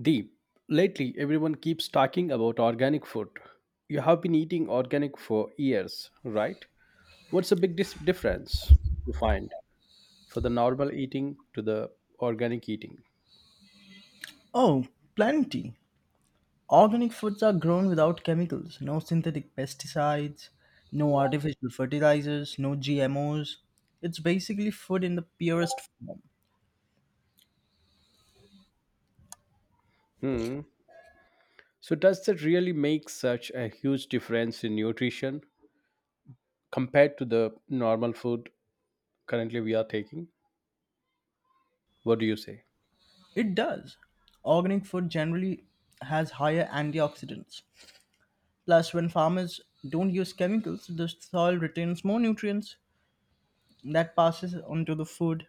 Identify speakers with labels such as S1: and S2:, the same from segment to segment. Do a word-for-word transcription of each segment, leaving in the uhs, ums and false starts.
S1: Deep. Lately, everyone keeps talking about organic food. You have been eating organic for years, right? What's the big dis- difference you find for the normal eating to the organic eating?
S2: Oh, plenty. Organic foods are grown without chemicals, no synthetic pesticides, no artificial fertilizers, no G M Os. It's basically food in the purest form.
S1: Hmm. So, does that really make such a huge difference in nutrition compared to the normal food currently we are taking? What do you say?
S2: It does. Organic food generally has higher antioxidants. Plus, when farmers don't use chemicals, the soil retains more nutrients that passes onto the food.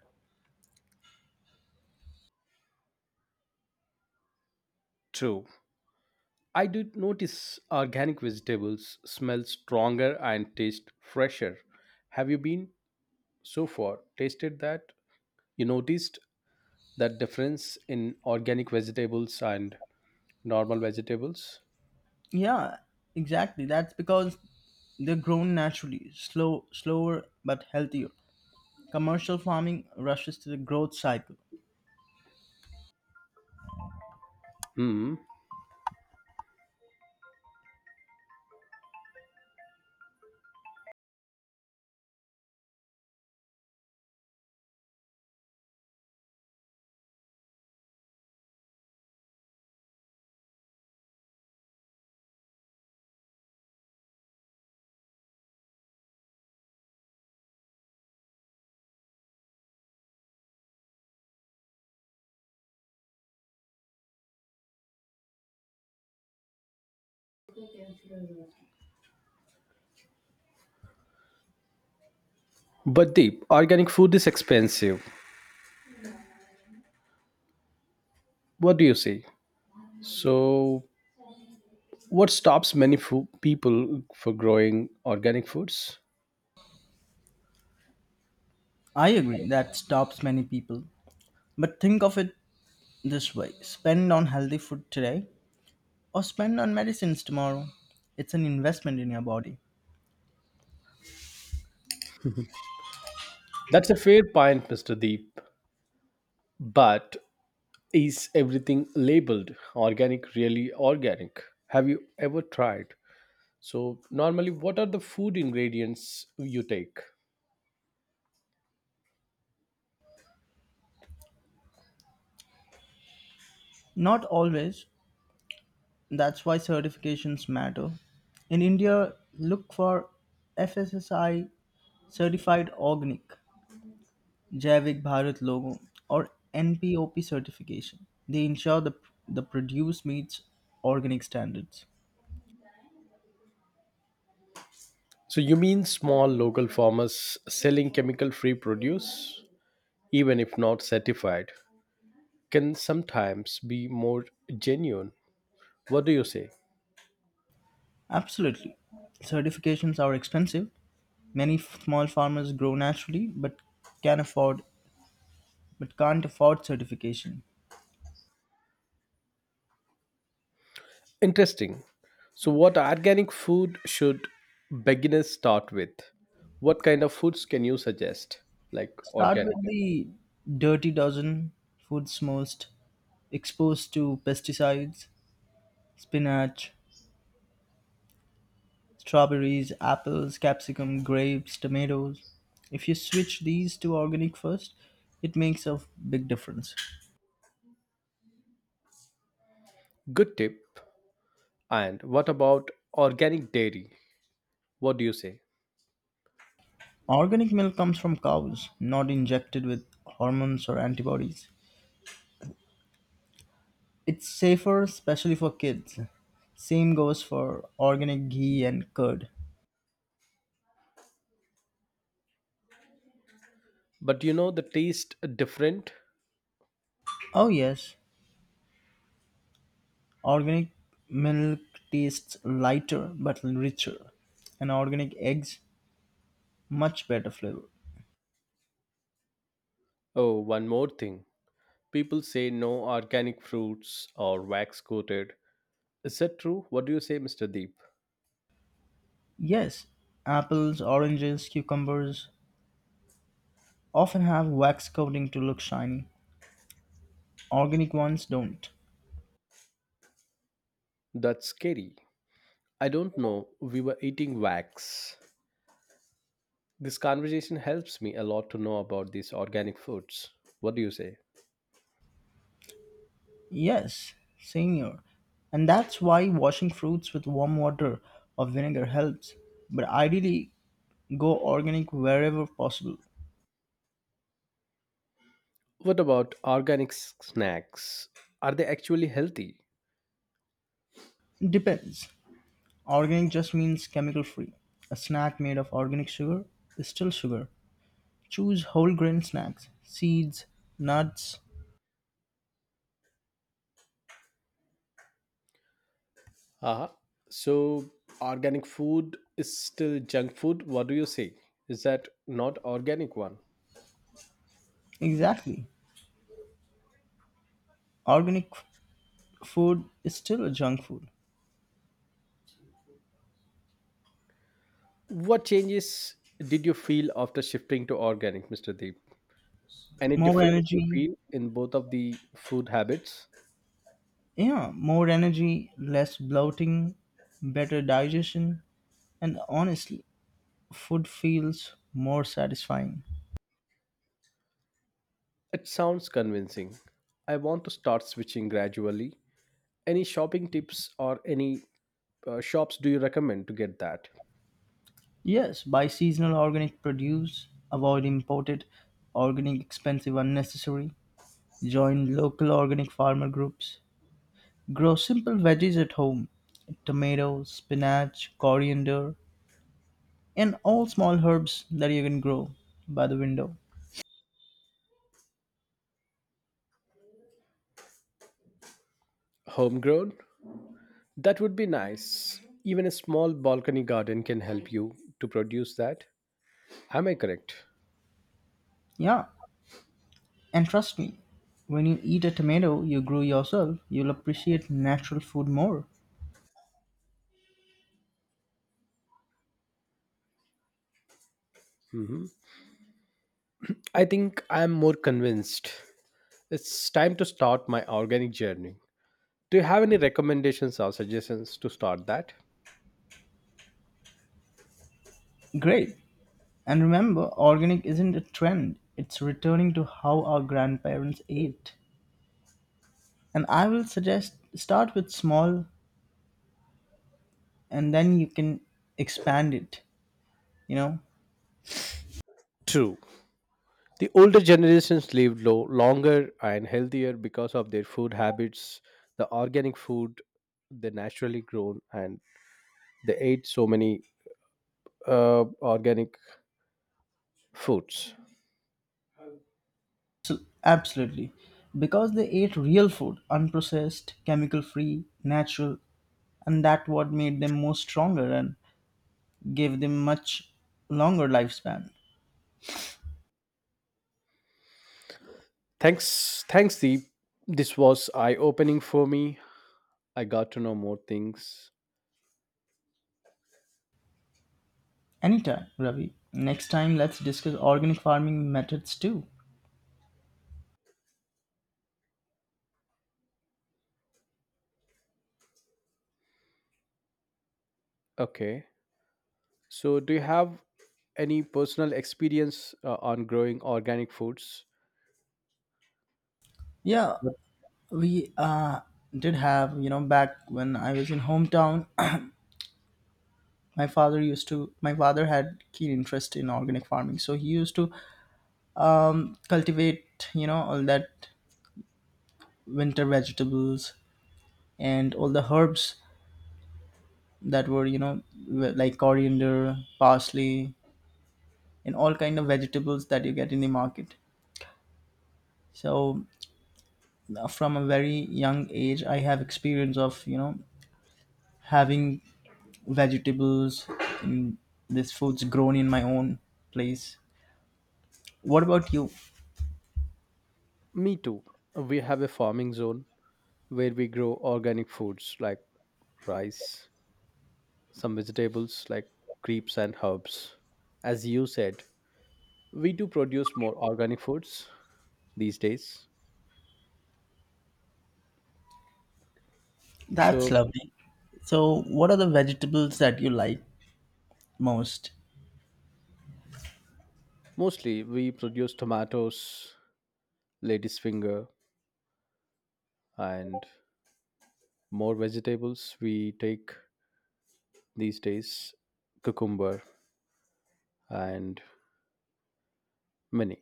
S1: True. I did notice organic vegetables smell stronger and taste fresher. Have you been so far tasted that you noticed that difference in organic vegetables and normal vegetables?
S2: Yeah, exactly. That's because they're grown naturally, slow, slower but healthier. Commercial farming rushes to the growth cycle.
S1: Hmm. But deep, organic food is expensive. What do you say? So what stops many fo- people for growing organic foods?
S2: I agree that stops many people. But think of it this way, spend on healthy food today or spend on medicines tomorrow. It's an investment in your body.
S1: That's a fair point, Mr. Deep. But is everything labeled organic really organic? Have you ever tried? So normally what are the food ingredients you take?
S2: Not always. That's why certifications matter. In India, look for F S S I certified organic, Jaivik Bharat logo, or N P O P certification. They ensure the, the produce meets organic standards.
S1: So you mean small local farmers selling chemical-free produce, even if not certified, can sometimes be more genuine. What do you say?
S2: Absolutely. Certifications are expensive. Many f- small farmers grow naturally but can afford but can't afford certification.
S1: Interesting. So what organic food should beginners start with? What kind of foods can you suggest? Like
S2: Start with
S1: organic.
S2: the dirty dozen foods most exposed to pesticides, spinach, strawberries, apples, capsicum, grapes, tomatoes. If you switch these to organic first, it makes a big difference.
S1: Good tip. And what about organic dairy? What do you say?
S2: Organic milk comes from cows, not injected with hormones or antibodies. It's safer, especially for kids. Same goes for organic ghee and curd.
S1: But you know the taste different?
S2: Oh, yes, organic milk tastes lighter but richer, and organic eggs, much better flavor.
S1: Oh, one more thing. People say no organic fruits or wax coated. Is that true? What do you say, mister Deep?
S2: Yes, apples, oranges, cucumbers often have wax coating to look shiny. Organic ones don't.
S1: That's scary. I don't know. We were eating wax. This conversation helps me a lot to know about these organic foods. What do you say?
S2: Yes, senior. And that's why washing fruits with warm water or vinegar helps. But ideally, go organic wherever possible.
S1: What about organic s- snacks? Are they actually healthy?
S2: Depends. Organic just means chemical free. A snack made of organic sugar is still sugar. Choose whole grain snacks, seeds, nuts.
S1: Ah, so organic food is still junk food. What do you say? Is that not organic one?
S2: Exactly. Organic f- food is still a junk food.
S1: What changes did you feel after shifting to organic, mister Deep? Any
S2: More
S1: difference you
S2: energy,
S1: feel in both of the food habits?
S2: yeah, more energy, less bloating, better digestion, and honestly, food feels more satisfying.
S1: It sounds convincing. I want to start switching gradually. Any shopping tips or any uh, shops do you recommend to get that?
S2: Yes, buy seasonal organic produce, avoid imported organic expensive unnecessary. Join local organic farmer groups. Grow simple veggies at home, tomato, spinach, coriander, and all small herbs that you can grow by the window.
S1: Homegrown? That would be nice. Even a small balcony garden can help you to produce that. Am I correct?
S2: Yeah, and trust me, when you eat a tomato you grew yourself, you'll appreciate natural food more.
S1: I think I am more convinced. It's time to start my organic journey. Do you have any recommendations or suggestions to start that?
S2: Great! And remember, organic isn't a trend, it's returning to how our grandparents ate. And I will suggest start with small and then you can expand it, you know,
S1: True. The older generations lived low, longer and healthier because of their food habits, the organic food they naturally grown, and they ate so many uh, organic foods.
S2: Absolutely. Because they ate real food, unprocessed, chemical free, natural, and that what made them more stronger and gave them much longer lifespan.
S1: Thanks, thanks, Deep. This was eye opening for me. I got to know more things.
S2: Anytime, Ravi. Next time let's discuss organic farming methods too.
S1: Okay, so do you have any personal experience uh, on growing organic foods?
S2: Yeah,
S1: Yep.
S2: we uh did have, you know, back when I was in hometown, my father used to my father had keen interest in organic farming. So he used to cultivate, you know, all that winter vegetables and all the herbs that were, you know, w- like coriander, parsley, and all kind of vegetables that you get in the market. So uh, from a very young age I have experience of, you know, having vegetables and this food's grown in my own place. What about you?
S1: Me too. We have a farming zone where we grow organic foods like rice, some vegetables like creeps and herbs. As you said, we do produce more organic foods these days.
S2: That's
S1: So
S2: lovely. So what are the vegetables that you like most?
S1: mostly we produce tomatoes, lady's finger, and more vegetables we take these days, cucumber and many.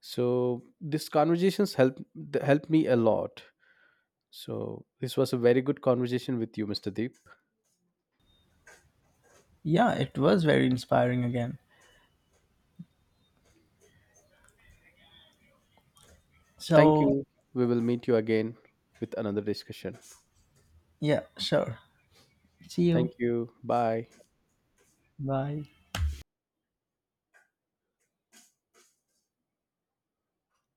S1: So these conversations help th- help me a lot. So this was a very good conversation with you, mister Deep.
S2: Yeah, it was very inspiring again.
S1: Thank
S2: So
S1: you. We will meet you again with another discussion.
S2: yeah, sure, see you.
S1: Thank you. Bye.
S2: Bye.